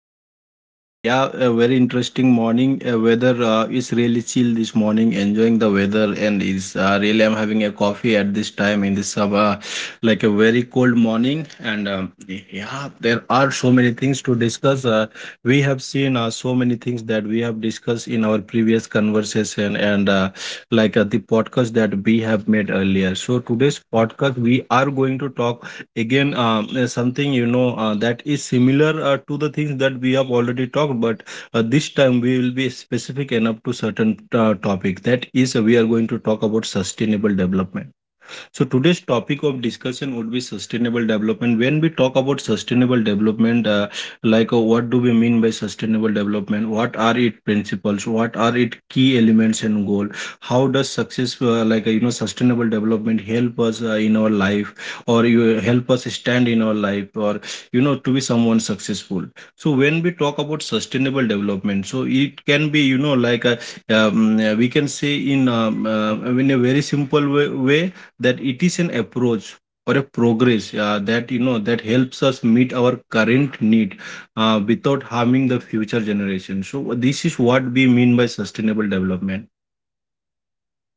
Saver, and a very interesting morning. Weather is really chill this morning. Enjoying the weather, and is really I'm having a coffee at this time in this summer, like a very cold morning. There are so many things to discuss. We have seen so many things that we have discussed in our previous conversation, and the podcast that we have made earlier. So today's podcast, we are going to talk again something that is similar to the things that we have already talked, but this time we will be specific enough to certain topic. That is We are going to talk about sustainable development, so today's topic of discussion would be sustainable development. When we talk about sustainable development, what do we mean by sustainable development? What are its principles? What are its key elements and goal? How does success, sustainable development help us in our life, or you help us stand in our life, or you know, to be someone successful? So when we talk about sustainable development, so it can be we can say in a very simple way that it is an approach or a progress that you know that helps us meet our current need without harming the future generation. So this is what we mean by sustainable development.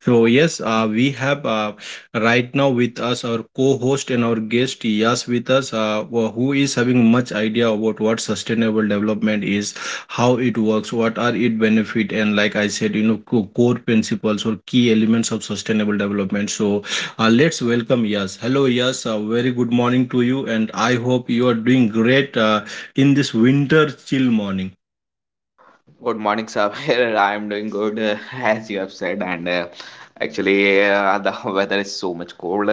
So yes, we have right now with us our co-host and our guest Yas with us, who is having much idea about what sustainable development is, how it works, what are its benefit, and like I said, you know, core principles or key elements of sustainable development. So let's welcome Yas. Hello Yas, very good morning to you, and I hope you are doing great in this winter chill morning. Good morning, Sabir. I'm doing good, as you have said. And actually, the weather is so much cold.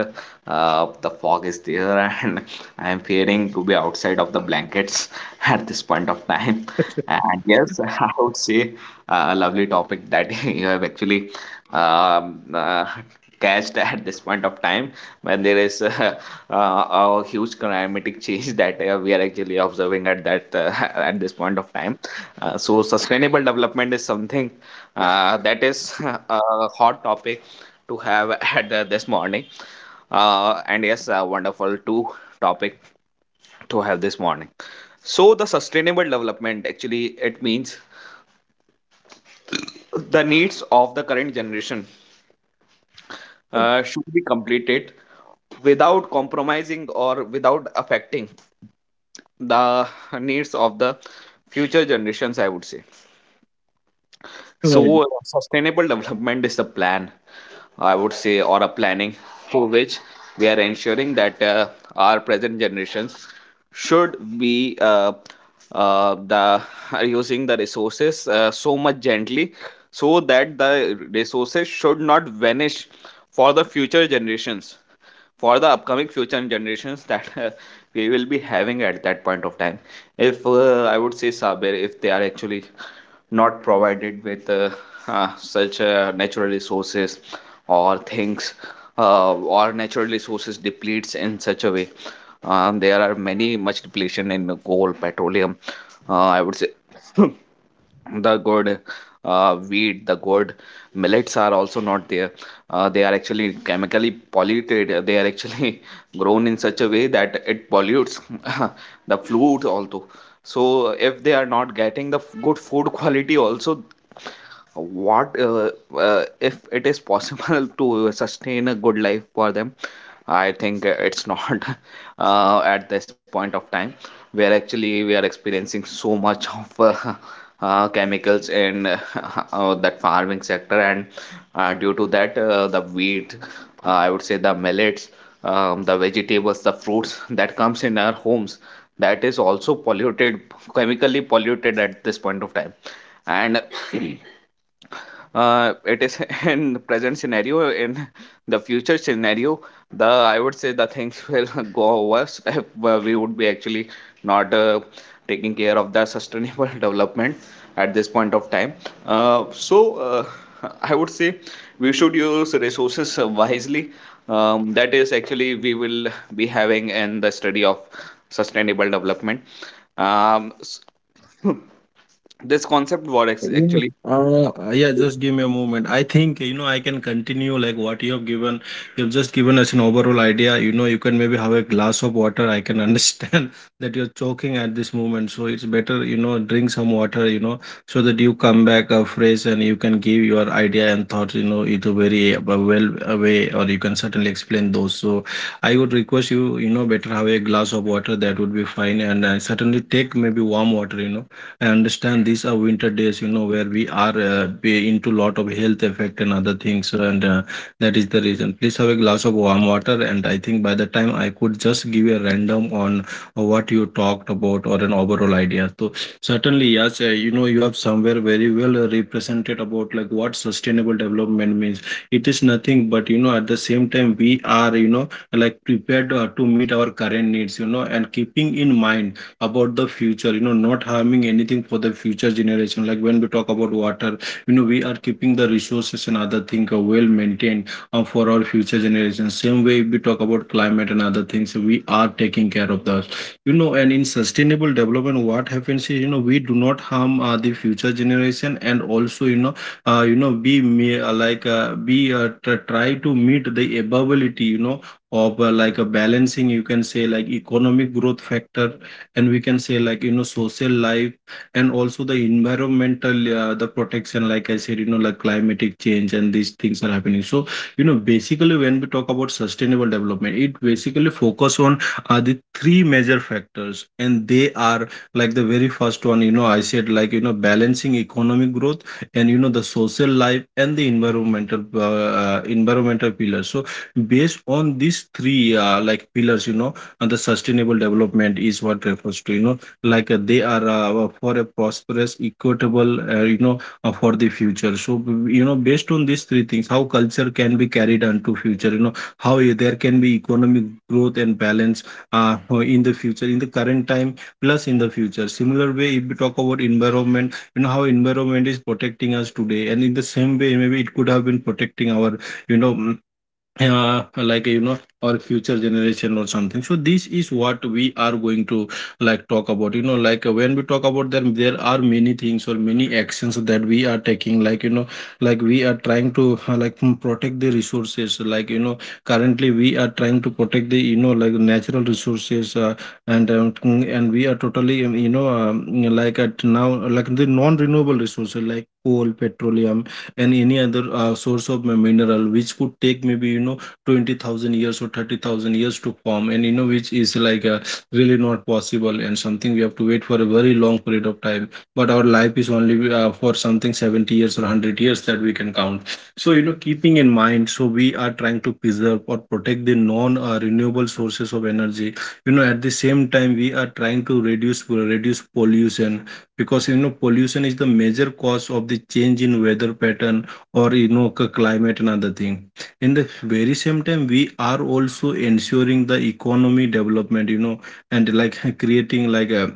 The fog is there, and I am fearing to be outside of the blankets at this point of time. And yes, I would say a lovely topic that you have actually um, uh, catched at this point of time, when there is a huge climatic change that we are actually observing at that at this point of time. So sustainable development is something that is a hot topic to have at this morning, and yes, a wonderful two topic to have this morning. So the sustainable development, actually it means the needs of the current generation should be completed without compromising or without affecting the needs of the future generations, I would say. So, sustainable development is a plan, I would say, or a planning for which we are ensuring that our present generations should be, the are using the resources so much gently, so that the resources should not vanish for the future generations, for the upcoming future generations that we will be having at that point of time, if, I would say, Sabir, if they are actually not provided with such natural resources or things, or natural resources depletes in such a way. There are many much depletion in coal petroleum, I would say. The good, wheat, the good millets are also not there. They are actually chemically polluted. They are actually grown in such a way that it pollutes the food also. So if they are not getting the good food quality also, what if it is possible to sustain a good life for them, I think it's not, at this point of time, where actually we are experiencing so much of chemicals in, that farming sector. And due to that, the wheat, I would say, the millets, the vegetables, the fruits that comes in our homes, that is also polluted, chemically polluted at this point of time. And it is, in the present scenario, in the future scenario, the, I would say, the things will go worse if we would be actually not taking care of the sustainable development at this point of time. So I would say, we should use resources wisely, that is actually we will be having in the study of sustainable development. um, s- this concept was Yes. actually. Yeah, just give me a moment. I think you know I can continue like what you have given. You have just given us an overall idea. You know, you can maybe have a glass of water. I can understand that you're choking at this moment, so it's better you know drink some water. You know, so that you come back fresh and you can give your idea and thoughts. You know, it a very way, or you can certainly explain those. So I would request you, you know, better have a glass of water. That would be fine, and certainly take maybe warm water. You know, I understand these are winter days, you know, where we are be into lot of health effect and other things, and that is the reason. Please have a glass of warm water, and I think by the time I could just give a random on what you talked about or an overall idea. So certainly, yes, you know, you have somewhere very well represented about like what sustainable development means. It is nothing, but you know, at the same time, we are, you know, like prepared to meet our current needs, you know, and keeping in mind about the future, you know, not harming anything for the future generation. Like when we talk about water, you know, we are keeping the resources and other things well maintained for our future generation. Same way, if we talk about climate and other things, we are taking care of those, you know. And in sustainable development what happens is, you know, we do not harm the future generation, and also you know, you know be me like be tr- try to meet the ability, you know, of like a balancing, you can say like economic growth factor, and we can say like, you know, social life, and also the environmental the protection, like I said, you know, like climatic change and these things are happening. So you know, basically when we talk about sustainable development, it basically focus on the three major factors, and they are like the very first one, you know, I said, like, you know, balancing economic growth and, you know, the social life and the environmental environmental pillars. So based on these three like pillars, you know, and the sustainable development is what refers to, you know, like they are for a prosperous equitable, for the future. So you know, based on these three things, how culture can be carried on to future, you know, how there can be economic growth and balance uh, in the future, in the current time, plus in the future. Similar way, if we talk about environment, you know, how environment is protecting us today, and in the same way maybe it could have been protecting our, you know mm, like, you know, or future generation or something. So this is what we are going to like talk about, you know. Like when we talk about them, there are many things or many actions that we are taking, like, you know, like we are trying to protect the resources, like, you know, currently we are trying to protect the, you know, like natural resources, and we are totally like at now, like the non renewable resources, like coal petroleum and any other source of mineral, which could take maybe, you know, 20,000 years or 30,000 years to form, and you know which is like really not possible and something we have to wait for a very long period of time. But our life is only for something 70 years or 100 years that we can count. So you know, keeping in mind, so we are trying to preserve or protect the non renewable sources of energy, you know. At the same time, we are trying to reduce pollution, because you know pollution is the major cause of the change in weather pattern, or you know, climate and other thing. In the very same time, we are also ensuring the economy development, you know, and like creating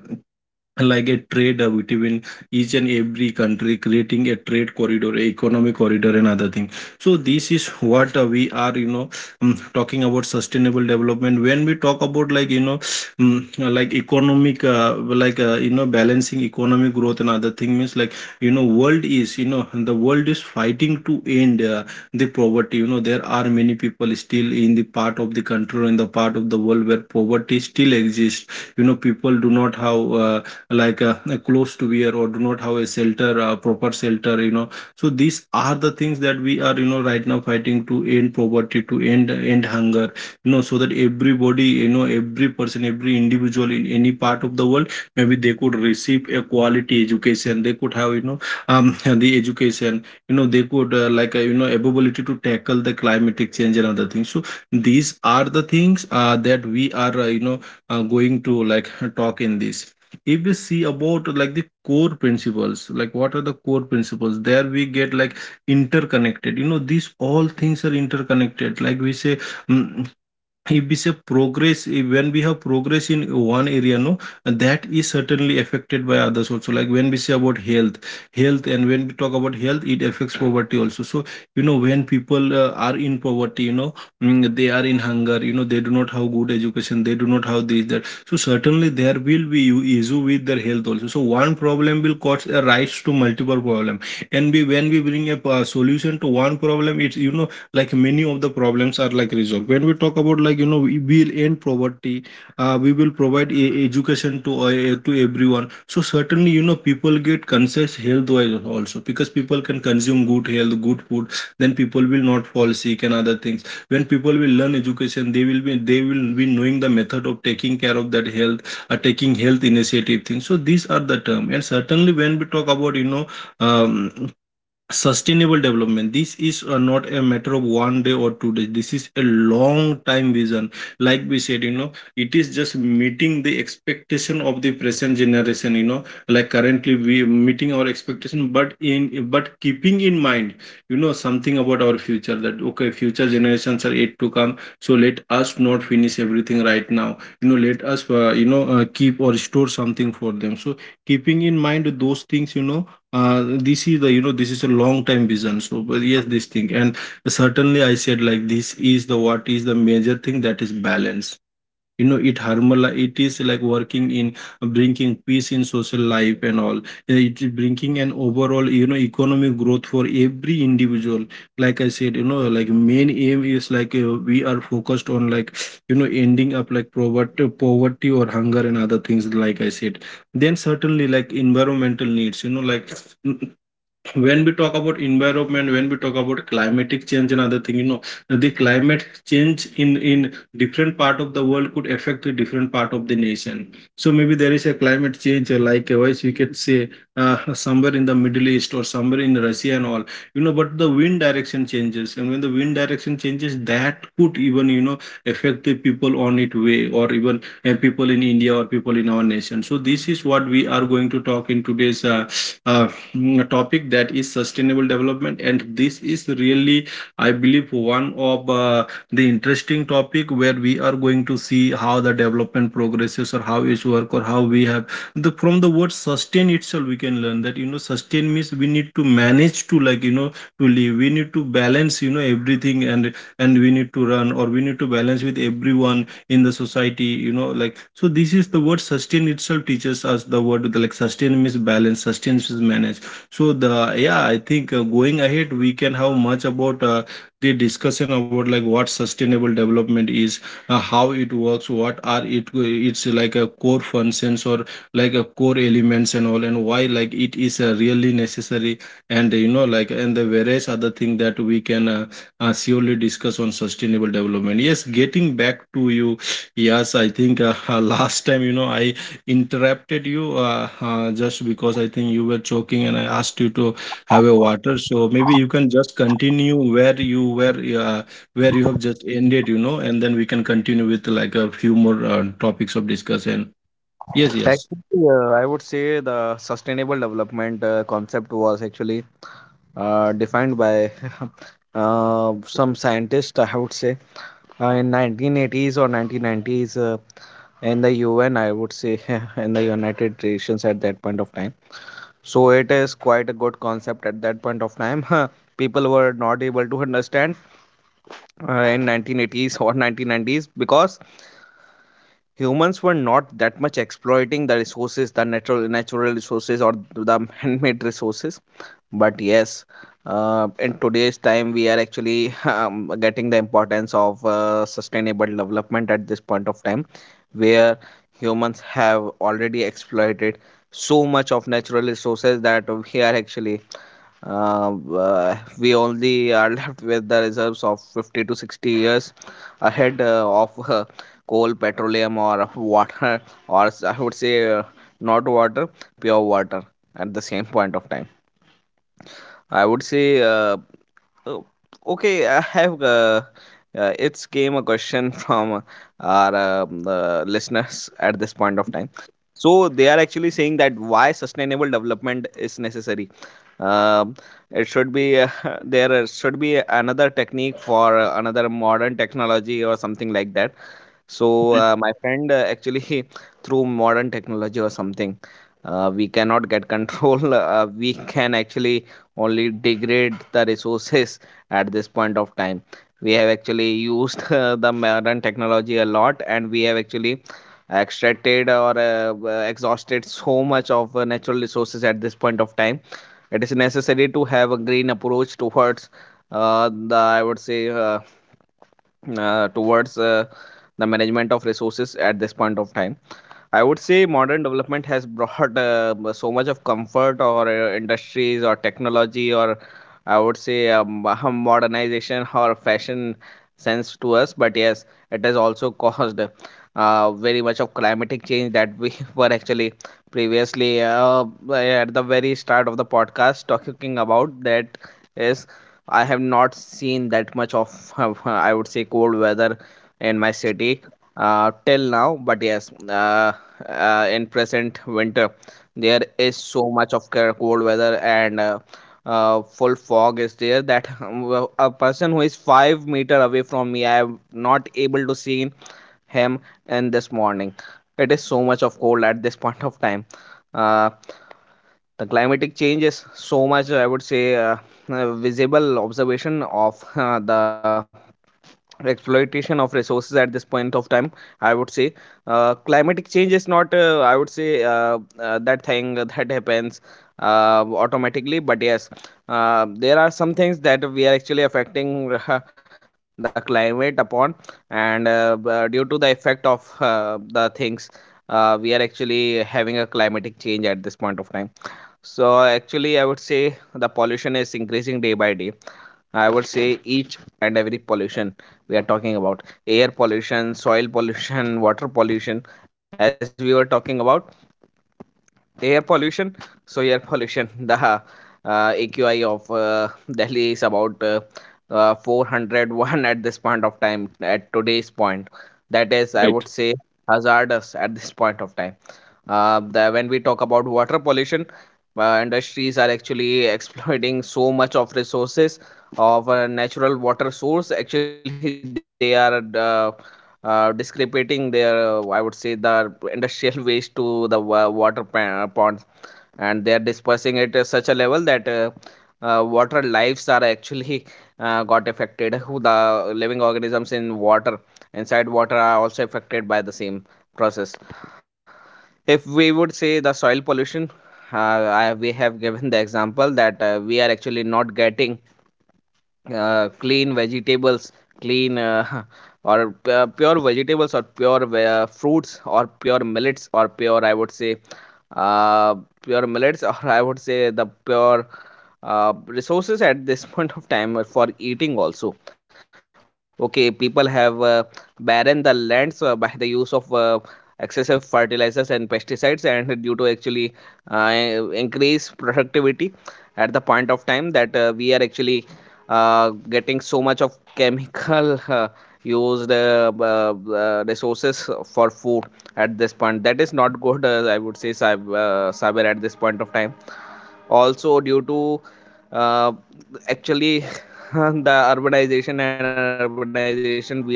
like a trade between each and every country, creating a trade corridor, a economic corridor and other thing. So this is what we are, you know, talking about sustainable development. When we talk about, like, you know, like economic, you know, balancing economic growth and other thing, means like, you know, world is, you know, the world is fighting to end the poverty. You know, there are many people still in the part of the country or in the part of the world where poverty still exists. You know, people do not have like uh, clothes to wear, or do not have a shelter, proper shelter, you know. So these are the things that we are, you know, right now fighting to end poverty, to end hunger, you know, so that everybody, you know, every person, every individual in any part of the world, maybe they could receive a quality education. They could have, you know, the education, you know. They could you know, ability to tackle the climatic change and other things. So these are the things that we are, going to like talk in this. If we see about like the core principles, like what are the core principles, there we get like interconnected. You know, these all things are interconnected, like we say, mm, if we say progress, if when we have progress in one area, no, that is certainly affected by others also, like when we say about health and when we talk about health, it affects poverty also. So you know, when people are in poverty, you know, they are in hunger, you know, they do not have good education, they do not have this that, so certainly there will be issue with their health also. So one problem will cause a rise to multiple problem, and we, when we bring a solution to one problem, it's, you know, like many of the problems are like resolved. When we talk about, like, you know, we will end poverty, we will provide education to to everyone. So certainly, you know, people get conscious health wise also, because people can consume good health, good food, then people will not fall sick and other things. When people will learn education, they will be knowing the method of taking care of that health, taking health initiative things, so these are the term. And certainly when we talk about um, sustainable development, this is not a matter of 1 day or 2 days. This is a long time vision, like we said, you know. It is just meeting the expectation of the present generation, you know, like currently we are meeting our expectation, but in, but keeping in mind, you know, something about our future, that okay, future generations are yet to come, so let us not finish everything right now. You know, let us keep or store something for them. So keeping in mind those things, you know, this is the, you know, this is a long time vision. So but yes, this thing. And certainly I said, like this is the, what is the major thing, that is balance, you know, it harmonize, it is like working in bringing peace in social life and all. Yeah, it is bringing an overall, you know, economic growth for every individual. Like I said, you know, like main aim is like, we are focused on like, you know, ending up like poverty or hunger and other things, like I said. Then certainly like environmental needs, you know, like when we talk about environment, when we talk about climatic change and other thing, you know, the climate change in different part of the world could affect the different part of the nation. So maybe there is a climate change, wise we can say, somewhere in the middle east or somewhere in Russia and all, you know. But the wind direction changes, and when the wind direction changes, that could even, you know, affect the people on it way, or even people in India or people in our nation. So this is what we are going to talk in today's uh, topic, that is sustainable development. And this is really, I believe, one of the interesting topic, where we are going to see how the development progresses, or how it's work, or how we have the, from the word sustain itself we can learn that, you know, sustain means we need to manage, to, like, you know, to live, we need to balance, you know, everything. And we need to run, or we need to balance with everyone in the society, you know, like. So this is the word sustain itself teaches us the word the, like sustain means balance, sustain means manage. So the, yeah, I think going ahead we can have much about the discussion about like what sustainable development is, how it works, what are it it's like a core functions, or like a core elements and all, and why like it is really necessary, and you know like, and the various other thing that we can surely discuss on sustainable development. Yes, getting back to you, yes, I think last time, you know, I interrupted you just because I think you were choking, and I asked you to have a water. So maybe you can just continue where you were, where you have just ended, you know, and then we can continue with like a few more topics of discussion. Yes, yes. Actually, I would say, the sustainable development concept was actually defined by some scientists, I would say, in 1980s or 1990s, in the UN, I would say, in the United Nations at that point of time. So it is quite a good concept at that point of time. People were not able to understand in 1980s or 1990s, because humans were not that much exploiting the resources, the natural resources, or the handmade resources. But yes, in today's time, we are actually getting the importance of sustainable development at this point of time, where humans have already exploited so much of natural resources that, we are actually we only are left with the reserves of 50 to 60 years ahead of coal, petroleum, or water, or I would say, not water, pure water at the same point of time. I would say, oh, okay, I have. It's came a question from our, listeners at this point of time. So they are actually saying that why sustainable development is necessary. Um it should be, there should be another technique for another modern technology or something like that. So Right. My friend, actually through modern technology or something, we cannot get control. We can actually only degrade the resources at this point of time. We have actually used the modern technology a lot, and we have actually extracted or exhausted so much of natural resources at this point of time. It is necessary to have a green approach towards, the, I would say. Towards the management of resources at this point of time, I would say, modern development has brought, so much of comfort, or industries or technology, or I would say, modernization or fashion sense to us. But yes, it has also caused very much of climatic change that we were actually previously, at the very start of the podcast, talking about. That is, I have not seen that much of, I would say, cold weather in my city till now. But yes. In present winter, there is so much of cold weather, and full fog is there, that, well, a person who is 5 meter away from me, I am not able to see him in this morning. It is so much of cold at this point of time. Uh, the climatic change is so much, I would say, visible observation of the exploitation of resources at this point of time, I would say. Climatic change is not, I would say, that thing that happens automatically, but yes, there are some things that we are actually affecting the climate upon, and due to the effect of the things, we are actually having a climatic change at this point of time. So actually, I would say the pollution is increasing day by day. I would say each and every pollution we are talking about: air pollution, soil pollution, water pollution. As we were talking about air pollution, so air pollution, the AQI of Delhi is about, 401 at this point of time, at today's point, that is, I Right. would say, hazardous at this point of time. When we talk about water pollution, industries are actually exploiting so much of resources of a natural water source. Actually they are discrepating their, I would say, the industrial waste to the water ponds, and they are dispersing it at such a level that water lives are actually got affected, who the living organisms in water, inside water, are also affected by the same process. If we would say the soil pollution, we have given the example that we are actually not getting clean vegetables, clean, or, pure vegetables, or pure fruits, or pure millets, or pure, I would say, uh, pure millets or, I would say, the pure resources at this point of time for eating also. Okay, people have barren the lands by the use of excessive fertilizers and pesticides, and due to actually uh, increase productivity at the point of time, that we are actually getting so much of chemical, used, resources for food at this point, that is not good, I would say, cyber at this point of time, also due to uh, actually the urbanization, we are actually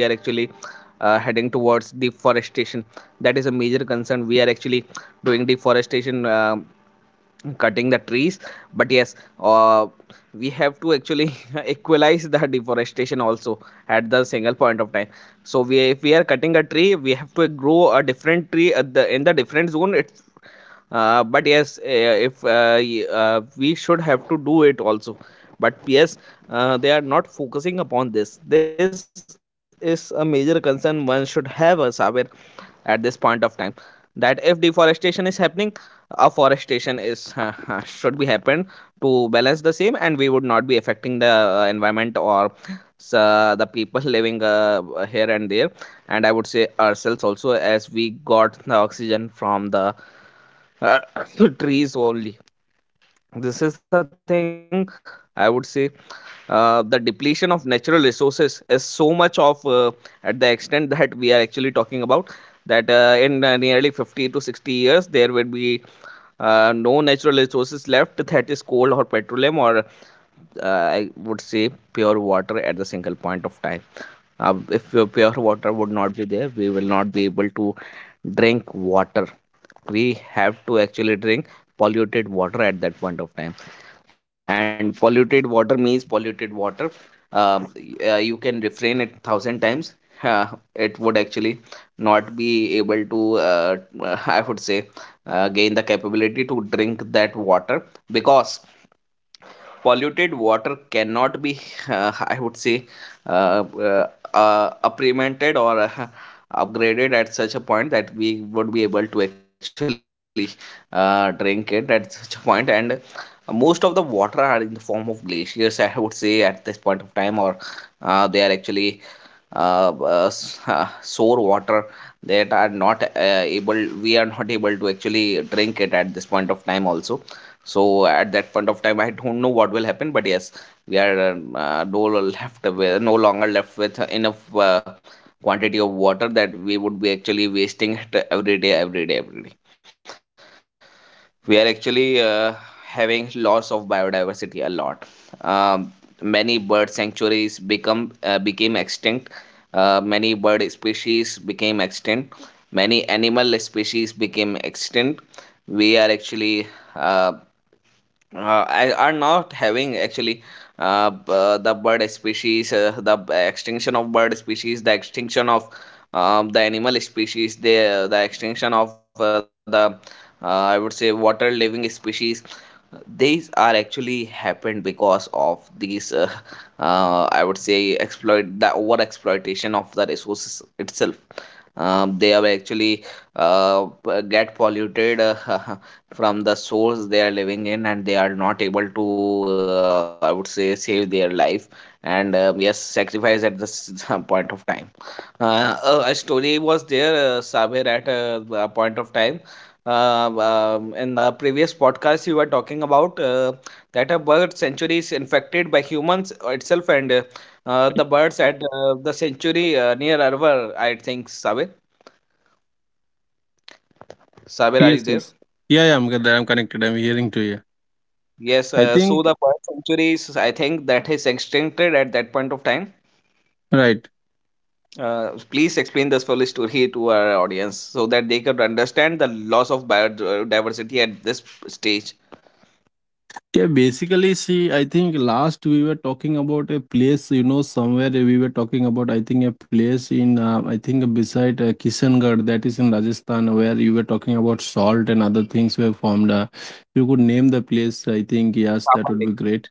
heading towards deforestation. That is a major concern, we are actually doing deforestation, cutting the trees, but yes, uh, we have to actually equalize the deforestation also at the single point of time. So we if we are cutting a tree, we have to grow a different tree at the in the different zone, it's, but yes, if, we should have to do it also. But yes, they are not focusing upon this is a major concern one should have, a saber at this point of time, that if deforestation is happening, afforestation is, should be happened to balance the same, and we would not be affecting the environment, or the people living, here and there, and I would say ourselves also, as we got the oxygen from the uh, trees only. This is the thing, I would say. The depletion of natural resources is so much of at the extent that we are actually talking about that in nearly 50 to 60 years there will be no natural resources left, that is coal or petroleum or I would say pure water at the single point of time. If pure water would not be there, we will not be able to drink water. We have to actually drink polluted water at that point of time, and polluted water means polluted water. You can refrain it thousand times. uh, it would actually not be able to uh, I would say gain the capability to drink that water, because polluted water cannot be I would say uh, uh, prevented or upgraded at such a point that we would be able to actually drink it at such a point. And most of the water are in the form of glaciers, I would say, at this point of time, or they are actually uh, uh, sour water that are not able we are not able to actually drink it at this point of time also. So at that point of time I don't know what will happen, but yes, we are no longer left with enough quantity of water that we would be actually wasting it every day, every day, every day. We are actually having loss of biodiversity a lot. um, Many bird sanctuaries become became extinct. Many bird species became extinct. Many animal species became extinct. We are actually uh, I are not having actually the bird species, extinction of bird species, the extinction of, the animal species, the extinction of the, uh, I would say, water living species. These are actually happened because of these, I would say, exploit the over exploitation of the resources itself. They are actually get polluted, from the source they are living in, and they are not able to, I would say, save their life and, yes, sacrifice at this point of time. A story was there, Sabir, at a point of time. uh, in the previous podcast you were talking about, that a bird sanctuary is infected by humans itself, and the birds at the sanctuary near Arvar, I think. Sabir, are you Yes, there? yes. Yeah, yeah, I'm good. I'm connected. I'm hearing to you. Yes, I so think the first century is, I think, that is extincted at that point of time. right. Please explain this full story to our audience so that they can understand the loss of biodiversity at this stage. Yeah, basically, see, I think last we were talking about a place, you know, somewhere we were talking about, I think, a place in, I think, beside Kishangarh, that is in Rajasthan, where you were talking about salt and other things were formed. You could name the place, I think, yes, that would be great.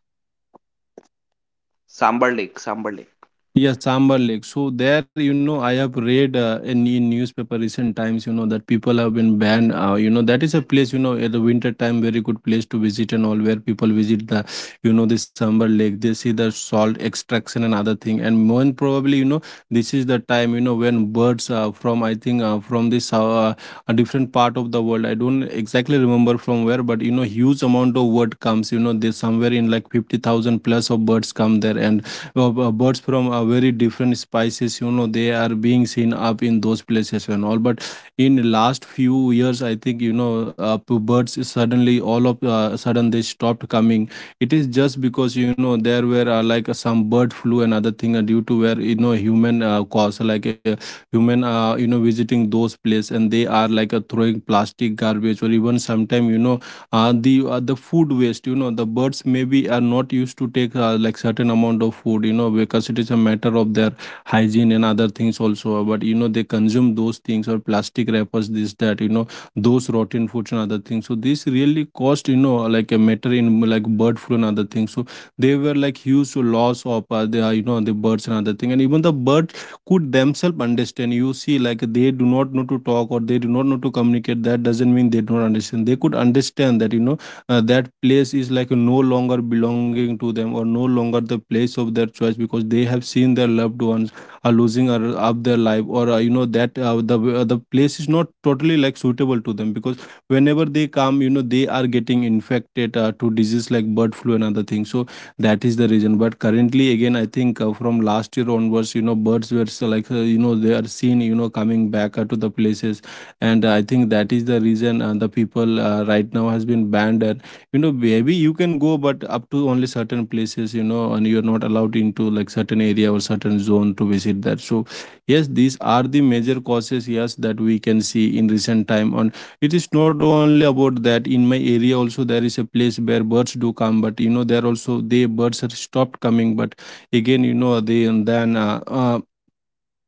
Sambar Lake, Sambar Lake. Yeah, Sambar Lake. So there, you know, I have read in newspaper recent times, you know, that people have been banned. You know, that is a place, you know, at the winter time, very good place to visit and all, where people visit the, you know, the Sambar Lake. They see the salt extraction and other thing. And more and probably, you know, this is the time, you know, when birds from, I think, from this a different part of the world. I don't exactly remember from where, but you know, huge amount of bird comes. You know, they somewhere in like 50,000 plus of birds come there, and well, birds from a very different species, you know, they are being seen up in those places and all. But in last few years, I think, you know, birds suddenly, all of sudden, they stopped coming. It is just because, you know, there were some bird flu and other thing, due to where, you know, human cause, like human you know, visiting those places, and they are like throwing plastic garbage, or even sometimes, you know, the food waste, you know. The birds maybe are not used to take like certain amount of food, you know, because it is a matter of their hygiene and other things also. But you know they consume those things, or plastic wrappers, this that, you know, those rotten foods and other things. So this really cost, you know, like a matter in like bird flu and other things. So they were like huge loss of the you know, the birds and other thing. And even the bird could themselves understand. You see, like they do not know to talk, or they do not know to communicate, that doesn't mean they do not understand. They could understand that, you know, that place is like no longer belonging to them, or no longer the place of their choice, because they have seen their loved ones are losing, or up their life, or you know that the place is not totally like suitable to them, because whenever they come, you know, they are getting infected to disease like bird flu and other things. So that is the reason. But currently again, I think from last year onwards, you know, birds were so like, you know, they are seen, you know, coming back to the places. And I think that is the reason the people right now has been banned. And you know, maybe you can go, but up to only certain places, you know, and you're not allowed into like certain area or certain zone to visit that. So yes, these are the major causes, yes, that we can see in recent time on. It is not only about that. In my area also, there is a place where birds do come, but you know, there also they, birds are stopped coming. But again, you know, they, and then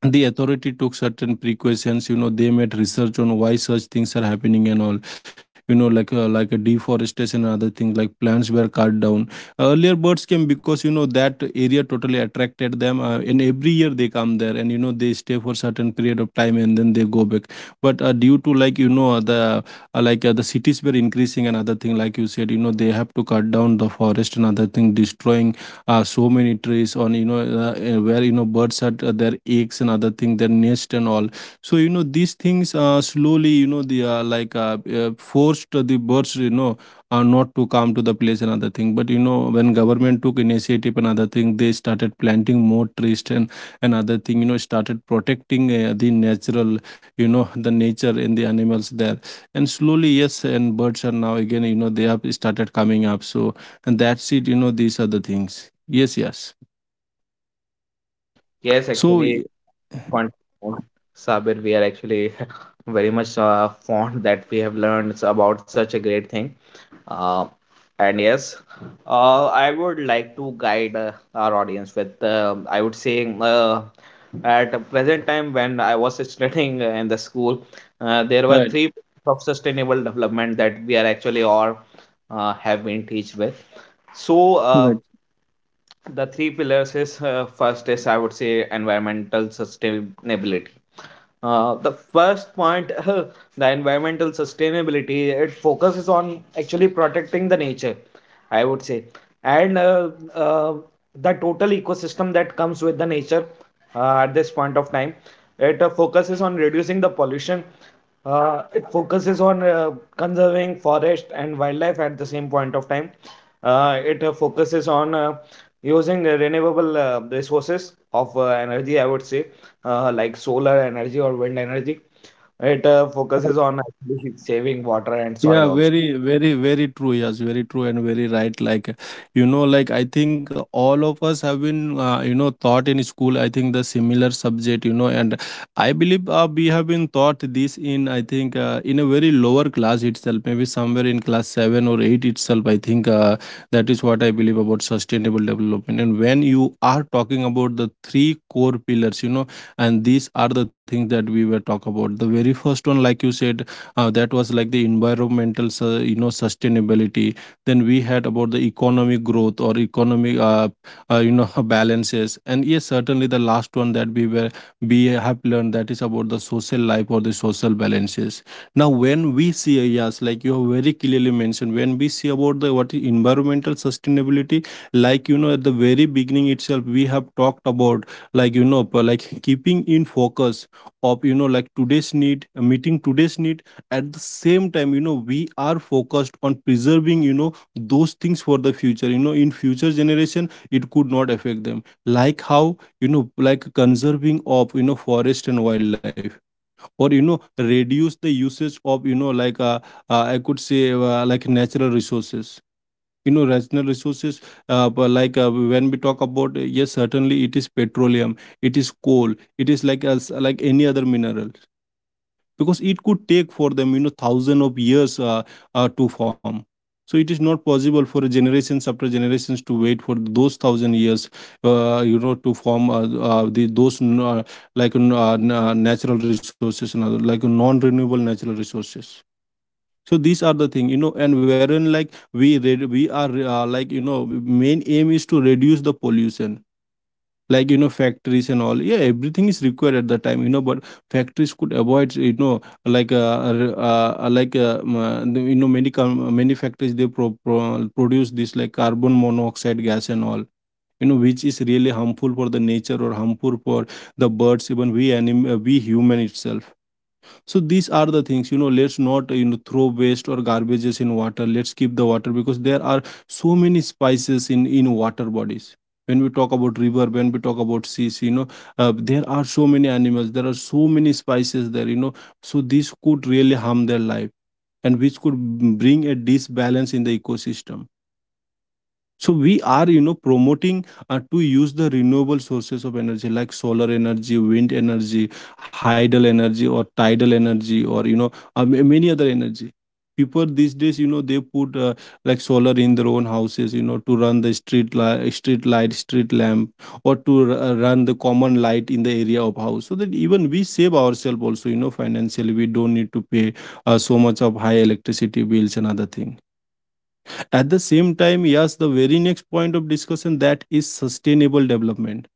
the authority took certain precautions. You know, they made research on why such things are happening and all. You know, like a deforestation and other things, like plants were cut down. Earlier birds came because, you know, that area totally attracted them, and every year they come there, and you know they stay for certain period of time and then they go back. But due to like, you know, the the cities were increasing and other thing, like you said, you know, they have to cut down the forest and other thing, destroying so many trees on, you know, where, you know, birds are their eggs and other thing, their nest and all. So you know these things slowly, you know, the forced the birds, you know, not to come to the place and other thing. But you know, when government took initiative and other thing, they started planting more trees, and another thing, you know, started protecting the natural, you know, the nature and the animals there. And slowly, yes, and birds are now again, you know, they have started coming up. So and that's it, you know, these are the things. Yes, yes. Yes, So actually, fond- Sabir, we are actually very much fond that we have learned about such a great thing. Uh, and yes, I would like to guide our audience with, I would say, at the present time when I was studying in the school, there were right. three pillars of sustainable development that we are actually all have been teached with. So, the three pillars is, first is, I would say, environmental sustainability. The first point, the environmental sustainability, it focuses on actually protecting the nature, I would say, and uh, the total ecosystem that comes with the nature at this point of time. It focuses on reducing the pollution. It focuses on conserving forest and wildlife at the same point of time. It focuses on using renewable resources of energy, I would say, like solar energy or wind energy. It focuses on actually saving water and Yeah, soil also. very, very, very true. Yes, very true and very right. Like, you know, like I think all of us have been, you know, taught in school, I think the similar subject, you know. And I believe we have been taught this in, I think, in a very lower class itself, maybe somewhere in class seven or eight itself. I think that is what I believe about sustainable development. And when you are talking about the three core pillars, you know, and these are the things that we were talk about. The very first one, like you said, that was like the environmental sustainability. Then we had about the economic growth or economic uh, you know balances, and yes, certainly the last one that we have learned, that is about the social life or the social balances. Now when we see, yes, like you have very clearly mentioned, when we see about the what is environmental sustainability, like you know at the very beginning itself we have talked about, like you know like keeping in focus of, you know, like today's need, meeting today's need. At the same time, you know, we are focused on preserving, you know, those things for the future, you know, in future generation it could not affect them, like how, you know, like conserving of, you know, forest and wildlife, or you know, reduce the usage of, you know, like I could say, like natural resources, you know, natural resources. But when we talk about, yes, certainly it is petroleum, it is coal, it is like as like any other mineral, because it could take for them, you know, thousand of years, to form. So it is not possible for generations after generations to wait for those thousand years, you know, to form, the, those n- like n- n- natural resources and other, like non renewable natural resources. So these are the thing, you know, and wherein, like we are, like you know main aim is to reduce the pollution. Like you know, factories and all, yeah, everything is required at the time, you know, but factories could avoid, you know, like you know, many factories, they produce this like carbon monoxide gas and all, you know, which is really harmful for the nature, or harmful for the birds, even we we human itself. So these are the things, you know, let's not, you know, throw waste or garbages in water. Let's keep the water, because there are so many spices in water bodies. When we talk about river, when we talk about seas, you know, there are so many animals, there are so many spices there, you know, so this could really harm their life, and which could bring a disbalance in the ecosystem. So we are, you know, promoting to use the renewable sources of energy, like solar energy, wind energy, hydel energy, or tidal energy, or you know, many other energy. People these days, you know, they put, like solar in their own houses, you know, to run the street light, street lamp, or to run the common light in the area of house, so that even we save ourselves also, you know, financially. We don't need to pay, so much of high electricity bills and other things. At the same time, yes, the very next point of discussion, that is sustainable development.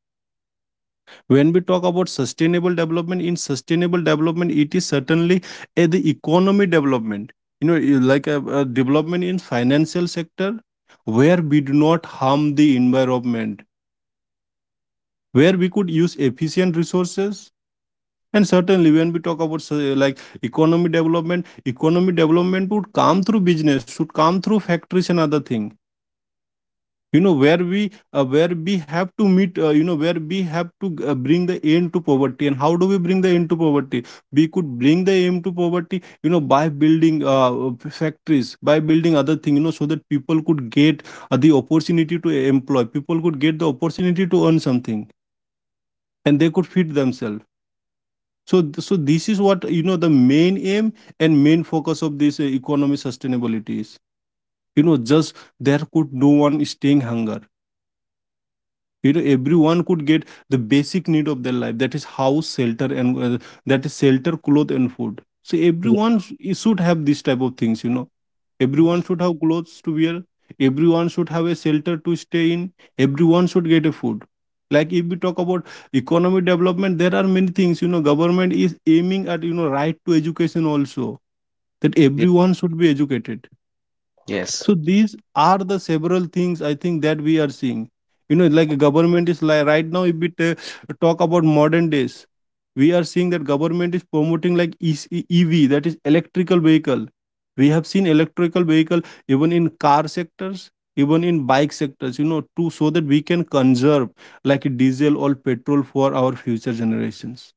When we talk about sustainable development, in sustainable development, it is certainly the economy development. You know, you like a development in financial sector, where we do not harm the environment, where we could use efficient resources. And certainly, when we talk about like economy development would come through business, should come through factories and other thing, you know, where we, where we have to meet, you know, where we have to, bring the end to poverty. And how do we bring the end to poverty? We could bring the end to poverty, you know, by building, factories, by building other thing, you know, so that people could get, the opportunity to employ, people could get the opportunity to earn something, and they could feed themselves. So so this is what, you know, the main aim and main focus of this, economy sustainability is, you know, just there could no one staying hunger, you know, everyone could get the basic need of their life, that is house, shelter, and that is shelter, clothes, and food. So Ye- everyone it should have this type of things, you know, everyone should have clothes to wear, everyone should have a shelter to stay in, everyone should get a food. Like, if we talk about economic development, there are many things, you know, government is aiming at, you know, right to education also, that ye- everyone should be educated. Yes. So these are the several things I think that we are seeing. You know, like, government is like right now. If we talk about modern days, we are seeing that government is promoting like EC EV, that is electrical vehicle. We have seen electrical vehicle even in car sectors, even in bike sectors. You know, to so that we can conserve like diesel or petrol for our future generations,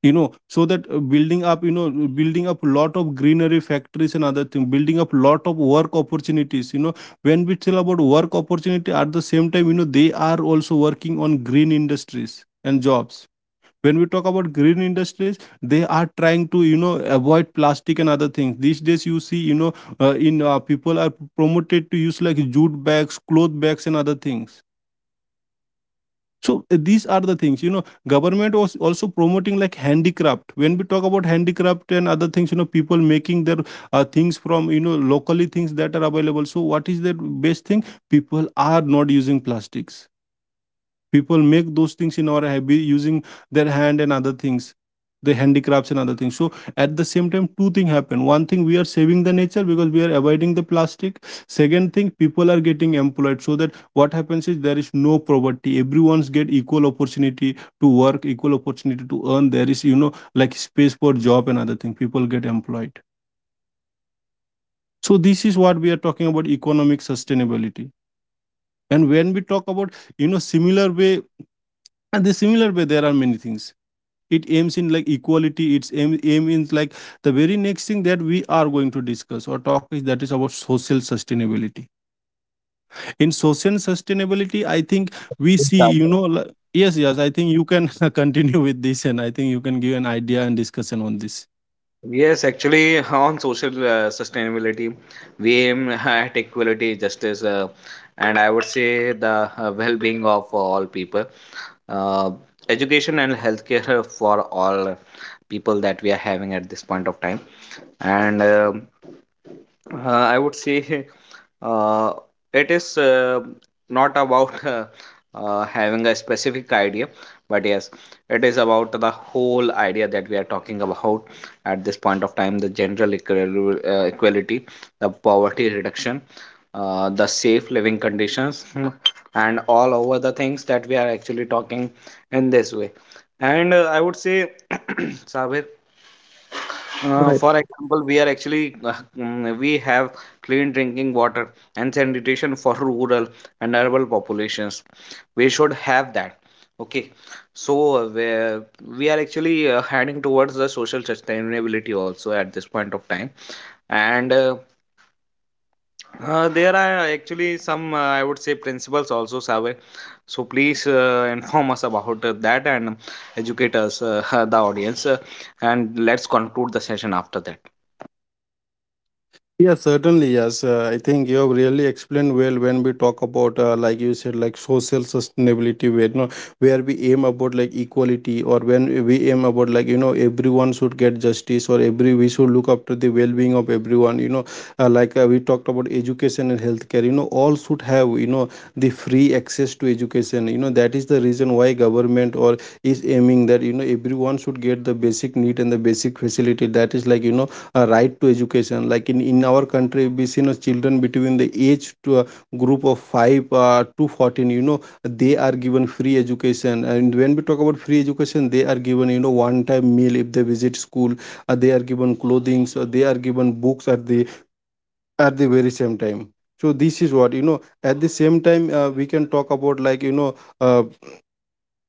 you know, so that, building up, you know, building up lot of greenery, factories and other thing, building up lot of work opportunities, you know. When we tell about work opportunity, at the same time, you know, they are also working on green industries and jobs. When we talk about green industries, they are trying to, you know, avoid plastic and other things. These days you see, you know, in people are promoted to use like jute bags, cloth bags, and other things. So, these are the things, you know, government was also promoting like handicraft. When we talk about handicraft and other things, you know, people making their, things from, you know, locally things that are available. So what is the best thing? People are not using plastics, people make those things in our hobby using their hand and other things, the handicrafts and other things. So at the same time, two things happen: one thing, we are saving the nature because we are avoiding the plastic; second thing, people are getting employed, so that what happens is there is no poverty, everyone's get equal opportunity to work, equal opportunity to earn, there is, you know, like space for job and other thing, people get employed. So this is what we are talking about, economic sustainability. And when we talk about, you know, similar way, and the similar way, there are many things. It aims in like equality, aim in like, the very next thing that we are going to discuss or talk, is that is about social sustainability. In social sustainability, I think we see, you know, yes, yes, I think you can continue with this, and I think you can give an idea and discussion on this. Yes, actually, on social sustainability, we aim at equality, justice, and I would say the well-being of all people. Uh, Education and healthcare for all people that we are having at this point of time. And I would say, uh, it is not about having a specific idea, but yes, it is about the whole idea that we are talking about at this point of time: the general equality, the poverty reduction, the safe living conditions, and all over the things that we are actually talking in this way. And I would say, Sabir, for example, we are actually, we have clean drinking water and sanitation for rural and urban populations. We should have that. Okay, so we are actually heading towards the social sustainability also at this point of time, and there are actually some, I would say, principles also, Sabe. So please, inform us about that, and educate us, the audience, and let's conclude the session after that. Yes, certainly. Yes, I think you have really explained well when we talk about, like you said, like social sustainability, where you know, where we aim about like equality, or when we aim about like you know everyone should get justice, or every we should look after the well-being of everyone. You know, we talked about education and healthcare. You know, all should have, you know, the free access to education. You know, that is the reason why government or is aiming that, you know, everyone should get the basic need and the basic facility. That is like you know a right to education, like in our country we see, you know, children between the age to a group of 5 to 14, you know, they are given free education. And when we talk about free education, they are given, you know, one time meal if they visit school, they are given clothing, so they are given books at the very same time. So this is what, you know, at the same time, we can talk about, like you know, uh,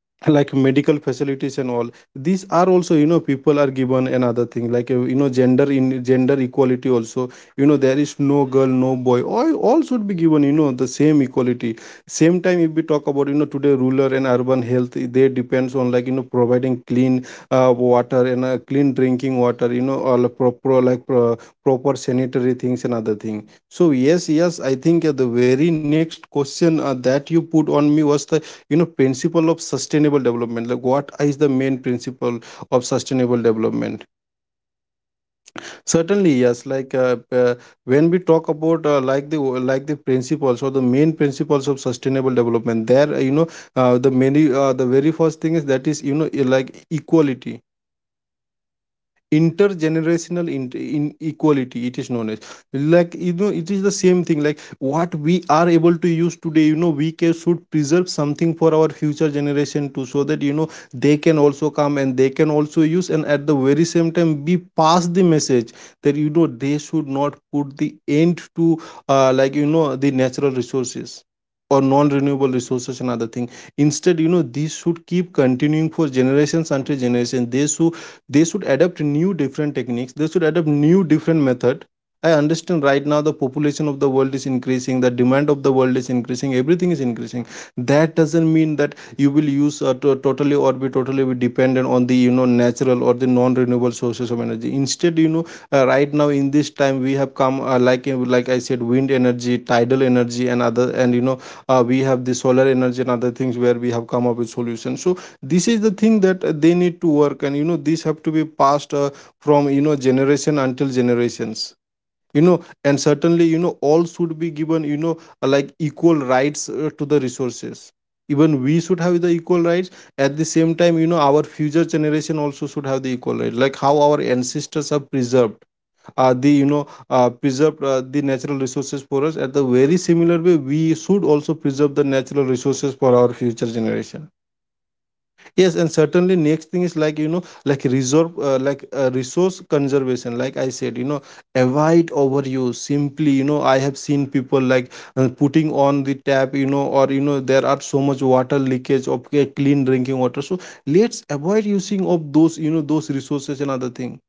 like medical facilities and all. These are also, you know, people are given another thing, like, you know, gender equality also, you know, there is no girl, no boy, all should be given, you know, the same equality. Same time if we talk about, you know, today rural and urban health, they depends on like, you know, providing clean, water and clean drinking water, you know, or like proper, proper sanitary things and other thing. So yes, yes, I think, the very next question, that you put on me was the, you know, principle of sustainable development, like what is the main principle of sustainable development. Certainly yes, like when we talk about, like the principles or the main principles of sustainable development, there, you know, the many, the very first thing is that is, you know, like equality, intergenerational inequality it is known as, like you know it is the same thing, like what we are able to use today, you know, we can should preserve something for our future Generation too, so that they can also come, and they can also use. And at the very same time, we pass the message that they should not put the end to like the natural resources or non-renewable resources and other thing. Instead, these should keep continuing for generations until generation. They should adapt new different techniques. They should adopt new different method. I understand right now the population of the world is increasing, the demand of the world is increasing, everything is increasing. That doesn't mean that you will use totally or be totally be dependent on the natural or the non renewable sources of energy. Instead, right now in this time we have come like I said, wind energy, tidal energy, and other, and we have the solar energy and other things where we have come up with solutions. So this is the thing that they need to work, and this have to be passed from generation until generations. And certainly all should be given like equal rights to the resources. Even we should have the equal rights. At the same time, our future generation also should have the equal rights. Like how our ancestors have preserved the preserved the natural resources for us. At the very similar way, we should also preserve the natural resources for our future generation. Yes, and certainly next thing is like like reserve, like resource conservation. Like I said, avoid overuse. Simply, I have seen people like putting on the tap, or there are so much water leakage of clean drinking water. So let's avoid using of those, those resources and other thing.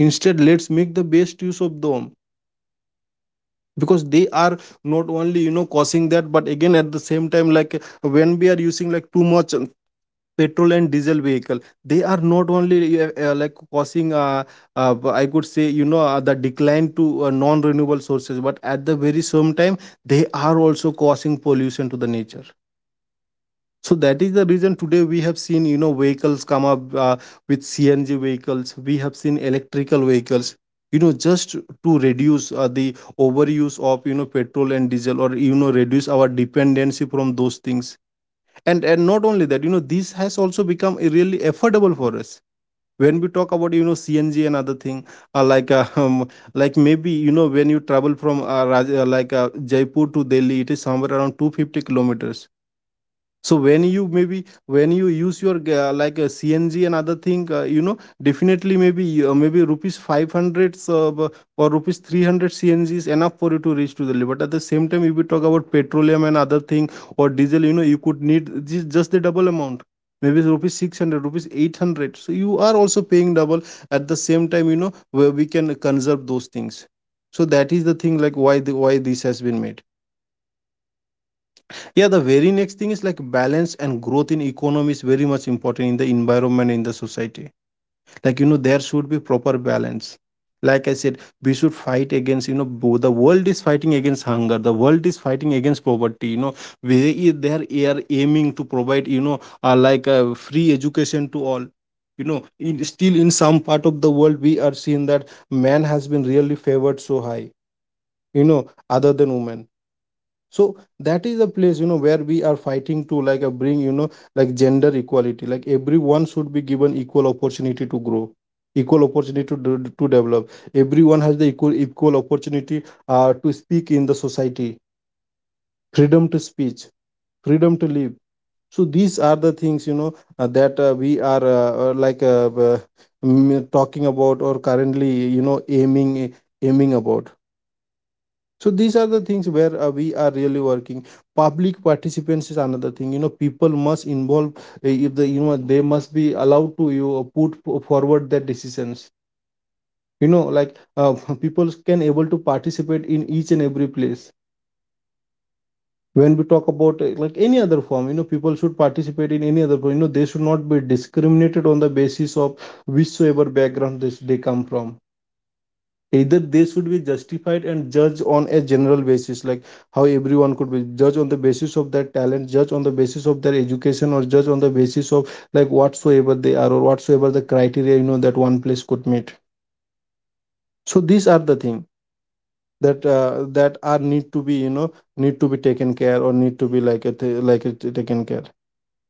Instead, let's make the best use of them, because they are not only causing that, but again at the same time, like when we are using like too much petrol and diesel vehicle. They are not only like causing uh, I could say the decline to non renewable sources, but at the very same time they are also causing pollution to the nature. So that is the reason today we have seen vehicles come up with CNG vehicles. We have seen electrical vehicles just to reduce the overuse of petrol and diesel, or reduce our dependency from those things. And not only that, this has also become a really affordable for us when we talk about CNG and other thing, like like maybe when you travel from like Jaipur to Delhi, it is somewhere around 250 kilometers. So when you maybe when you use your like a CNG and other thing, definitely maybe maybe rupees 500 or rupees 300 CNG is enough for you to reach to the level. But at the same time if we talk about petroleum and other thing, or diesel, you could need just the double amount. Maybe it's rupees 600, rupees 800. So you are also paying double. At the same time, where we can conserve those things. So that is the thing, like why this has been made. Yeah, the very next thing is like balance and growth in economy is very much important, in the environment, in the society. Like there should be proper balance. Like I said, we should fight against the world is fighting against hunger, the world is fighting against poverty, we they are aiming to provide like free education to all. In, still in some part of the world, we are seeing that man has been really favored so high, you know other than women. So that is a place where we are fighting to like bring like gender equality, like everyone should be given equal opportunity to grow, equal opportunity to, to develop. Everyone has the equal opportunity to speak in the society. Freedom to speech, freedom to live. So these are the things that we are like talking about, or currently aiming about. So these are the things where we are really working. Public participants is another thing. People must involve. If the they must be allowed to you put forward their decisions. Like people can able to participate in each and every place. When we talk about like any other form, people should participate in any other form. They should not be discriminated on the basis of whichsoever background they come from. Either they should be justified and judged on a general basis, like how everyone could be judged on the basis of their talent, judged on the basis of their education, or judged on the basis of like whatsoever they are, or whatsoever the criteria that one place could meet. So these are the thing that that are need to be need to be taken care, or need to be like a like it taken care.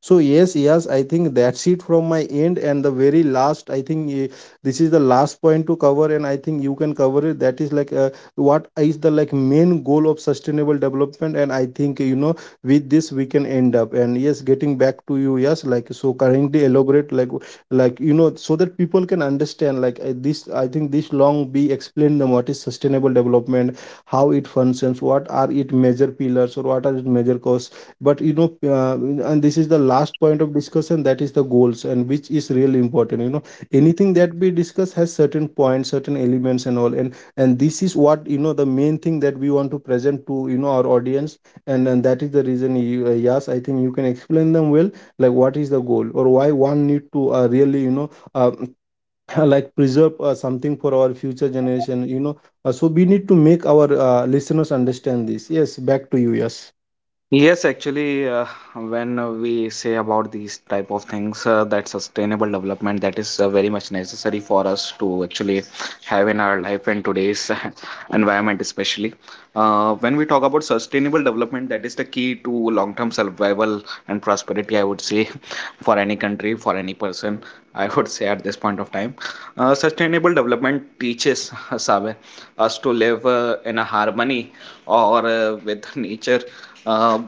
So yes, yes, I think that's it from my end. And the very last, I think, this is the last point to cover, and I think you can cover it. That is like what is the like main goal of sustainable development? And I think with this we can end up. And yes, getting back to you, yes, like so currently elaborate like so that people can understand like this. I think this long be explained them what is sustainable development, how it functions, what are its major pillars, or what are its major causes. But uh, and this is the last point of discussion, that is the goals, and which is really important. Anything that we discuss has certain points, certain elements and all, and this is what the main thing that we want to present to our audience. And that is the reason yes I think you can explain them well, like what is the goal, or why one need to really uh, like preserve something for our future generation. So we need to make our listeners understand this. Yes, back to you. Yes. Yes, actually, when we say about these type of things, that sustainable development, that is very much necessary for us to actually have in our life and today's environment, especially. When we talk about sustainable development, that is the key to long-term survival and prosperity, I would say, for any country, for any person. I would say, at this point of time, sustainable development teaches, Saber, us to live in a harmony or, with nature, uh,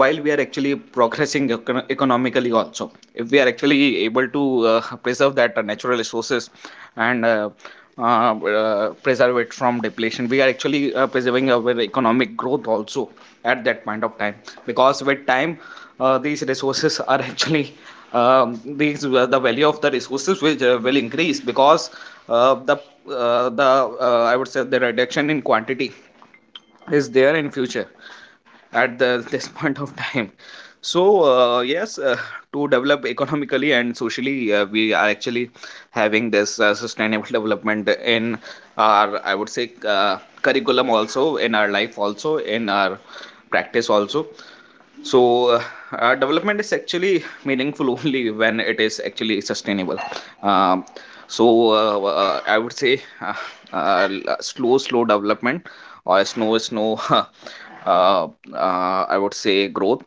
while we are actually progressing economically also. If we are actually able to preserve that natural resources, and uh, preserve it from depletion, we are actually preserving our economic growth also at that point of time, because with time, these resources are actually, the value of the resources will increase, because uh, the the I would say the reduction in quantity is there in future at the, this point of time. So, yes, to develop economically and socially, we are actually having this sustainable development in our, I would say, curriculum, also in our life, also in our practice also. So development is actually meaningful only when it is actually sustainable. um, so I would say, uh, slow slow development, or slow slow uh, I would say growth,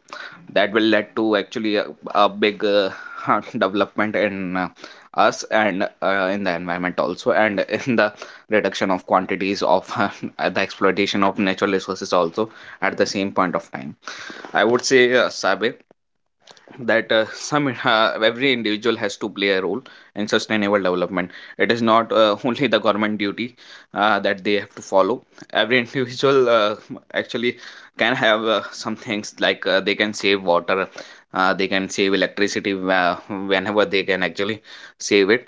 that will lead to actually a big development in us, and in the environment also, and in the reduction of quantities of the exploitation of natural resources also at the same point of time. I would say, Sabir, that some every individual has to play a role in sustainable development. It is not only the government duty that they have to follow. Every individual actually can have some things, like they can save water. They can save electricity whenever they can actually save it.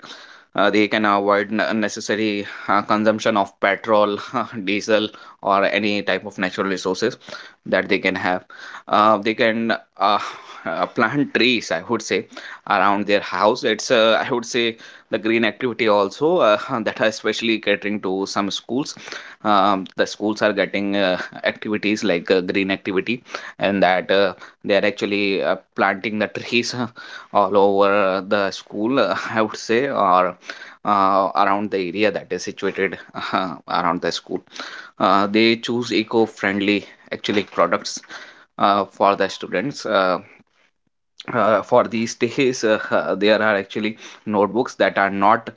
They can avoid unnecessary consumption of petrol, diesel, or any type of natural resources that they can have. They can uh, plant trees, I would say, around their house. It's, I would say, the green activity also, that are especially catering to some schools. The schools are getting activities like green activity, and that, they are actually planting the trees all over the school, I would say, or around the area that is situated around the school. They choose eco-friendly, actually, products for the students. For these days, there are actually notebooks that are not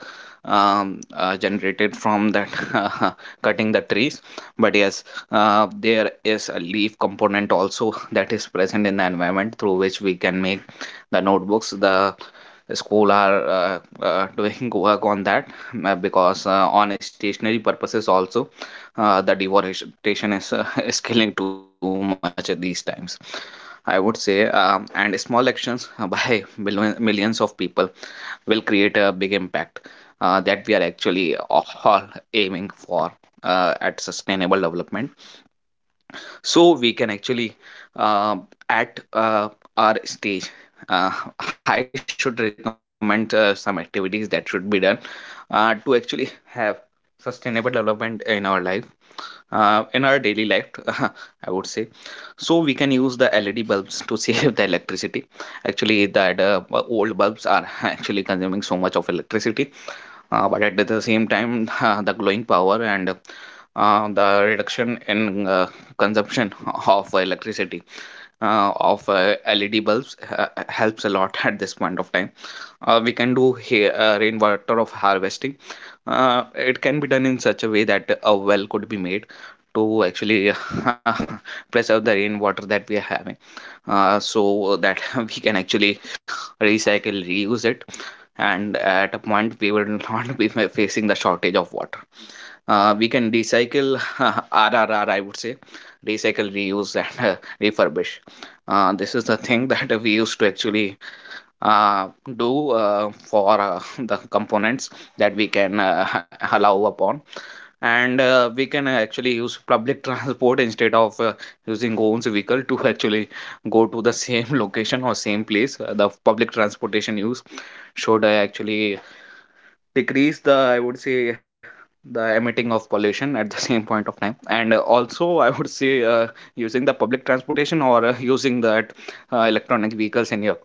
generated from that uh, cutting the trees, but yes, there is a leaf component also that is present in the environment, through which we can make the notebooks. The school are doing work on that, because, on stationary purposes also, the deforestation is is killing too much at these times, I would say. And small actions by millions of people will create a big impact, that we are actually all aiming for, at sustainable development. So we can actually, uh, at our stage, uh, I should recommend some activities that should be done to actually have sustainable development in our lives, in our daily life, I would say. So we can use the led bulbs to save the electricity actually. That old bulbs are actually consuming so much of electricity, but at the same time the glowing power and the reduction in consumption of electricity of led bulbs helps a lot at this point of time. We can do here rainwater of harvesting. It can be done in such a way that a well could be made to actually preserve the rainwater that we are having, so that we can actually recycle, reuse it, and at a point we will not be facing the shortage of water. We can recycle, r r r. I would say, recycle, reuse, and refurbish. This is the thing that we used to actually uh, do for the components that we can, allow upon. And we can actually use public transport instead of using own vehicle to actually go to the same location or same place. The public transportation use should actually decrease the, I would say, the emitting of pollution at the same point of time. And also, I would say, using the public transportation or using that electronic vehicles in your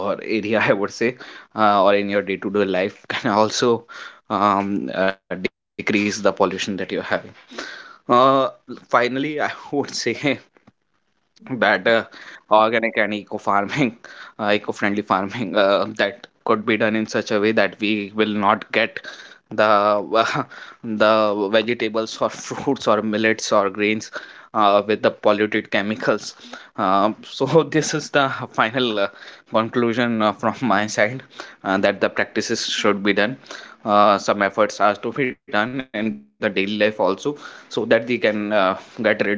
or area, I would say, or in your day-to-day life, can also decrease the pollution that you're having. uh, Finally, I would say, that organic and eco farming, eco-friendly farming, that could be done in such a way that we will not get the the vegetables or fruits or millets or grains with the polluted chemicals. So this is the final conclusion from my side, that the practices should be done. Some efforts are to be done in the daily life also, so that they can get rid of uh,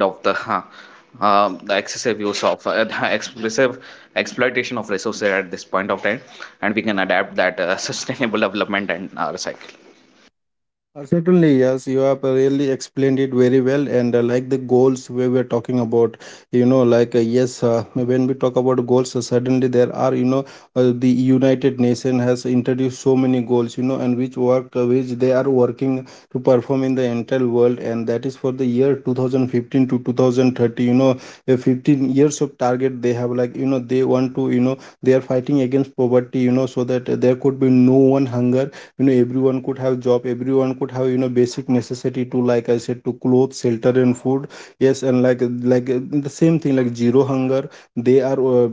um, the excessive use of the excessive exploitation of resources at this point of time, and we can adapt that sustainable development and our cycle. Certainly, yes, you have really explained it very well. And like the goals where we are talking about, like yes, when we talk about goals, suddenly there are, the United Nation has introduced so many goals, and which they are working to perform in the entire world, and that is for the year 2015 to 2030, 15 years of target they have. Like they want to, they are fighting against poverty, so that there could be no one hunger. Everyone could have job, everyone could have basic necessity to, like I said, to clothes, shelter, and food. Yes, and like like uh, the same thing like zero hunger. They are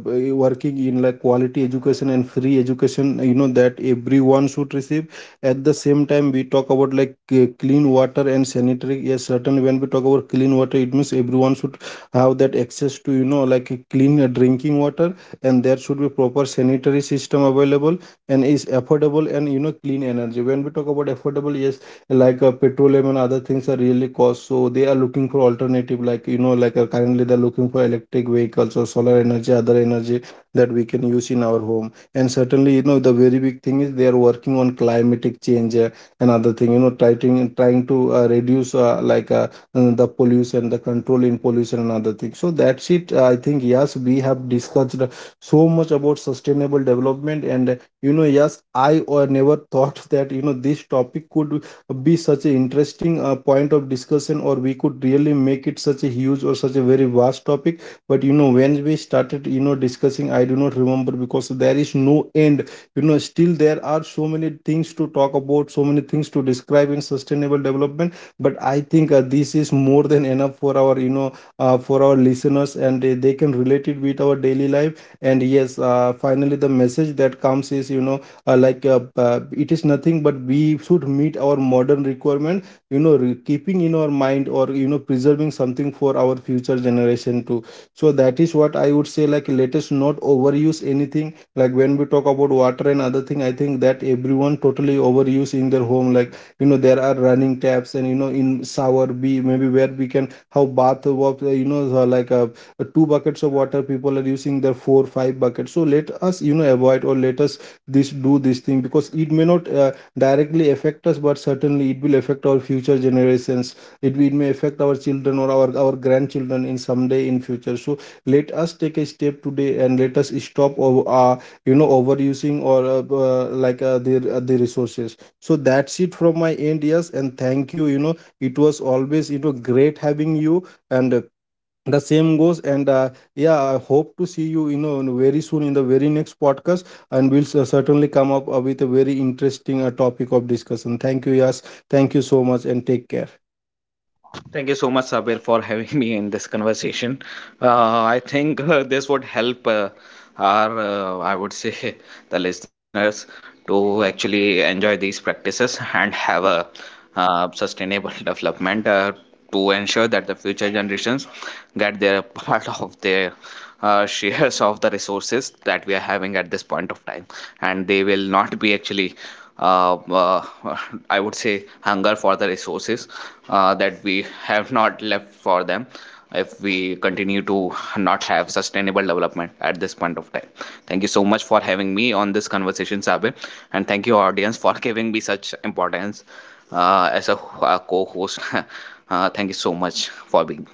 working in like quality education and free education that everyone should receive. At the same time we talk about like clean water and sanitary. Yes, certainly when we talk about clean water, it means everyone should have that access to like a clean drinking water, and there should be proper sanitary system available, and is affordable. And clean energy. When we talk about affordable, yes, like petroleum and other things are really cost, so they are looking for alternative. Like like currently they're looking for electric vehicles, or solar energy, other energy that we can use in our home. And certainly the very big thing is they are working on climatic change, and other thing. Trying to reduce the pollution, the control in pollution and other things. So that's it, I think. Yes, we have discussed so much about sustainable development, and yes, I or never thought that this topic could be such an interesting point of discussion, or we could really make it such a huge or such a very vast topic. But when we started discussing, I do not remember, because there is no end. Still there are so many things to talk about, so many things to describe in sustainable development. But I think this is more than enough for our for our listeners, and they can relate it with our daily life. And yes, finally the message that comes is like it is nothing but we should meet our modern requirement, keeping in our mind, or preserving something for our future generation too. So that is what I would say, like let us not overuse anything. Like when we talk about water and other thing, I think that everyone totally overuse in their home. Like there are running taps, and in shower, we maybe where we can have bath of like two buckets of water, people are using their 4-5 buckets. So let us avoid, or let us this do this thing, because it may not directly affect us, but certainly it will affect our future generations. It may affect our children, or our grandchildren in someday in future. So let us take a step today, and let us stop over overusing, or like the, the resources. So that's it from my end. Yes, and thank you. You know It was always great having you, and the same goes. And yeah, I hope to see you you know very soon in the very next podcast. And we'll certainly come up with a very interesting topic of discussion. Thank you. Yes, thank you so much, and take care. Thank you so much, Sabir, for having me in this conversation. Uh, I think this would help our, I would say, the listeners to actually enjoy these practices and have a sustainable development to ensure that the future generations get their part of their shares of the resources that we are having at this point of time, and they will not be actually uh, uh, I would say, hunger for the resources that we have not left for them if we continue to not have sustainable development at this point of time. Thank you so much for having me on this conversation, Sabe, and thank you, audience, for giving me such importance, as a co-host. Thank you so much for being.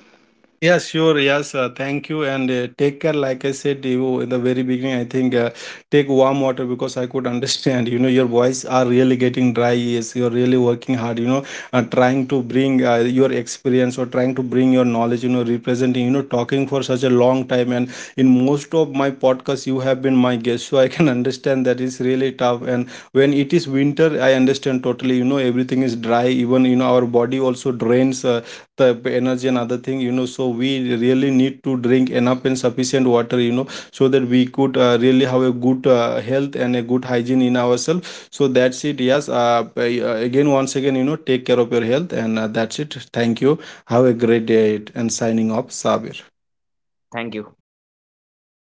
Yeah, sure. Yes, thank you. And take care. Like I said you in the very beginning, I think take warm water, because I could understand. Your voice are really getting dry. Yes, you're really working hard. Trying to bring your experience, or trying to bring your knowledge. Representing. Talking for such a long time. And in most of my podcasts, you have been my guest, so I can understand that it's really tough. And when it is winter, I understand totally. Everything is dry. Even our body also drains. The energy and other thing. So we really need to drink enough and sufficient water, so that we could really have a good health and a good hygiene in ourselves. So that's it. Yes, again, once again, take care of your health. And that's it, thank you. Have a great day, and signing off, Sabir. Thank you.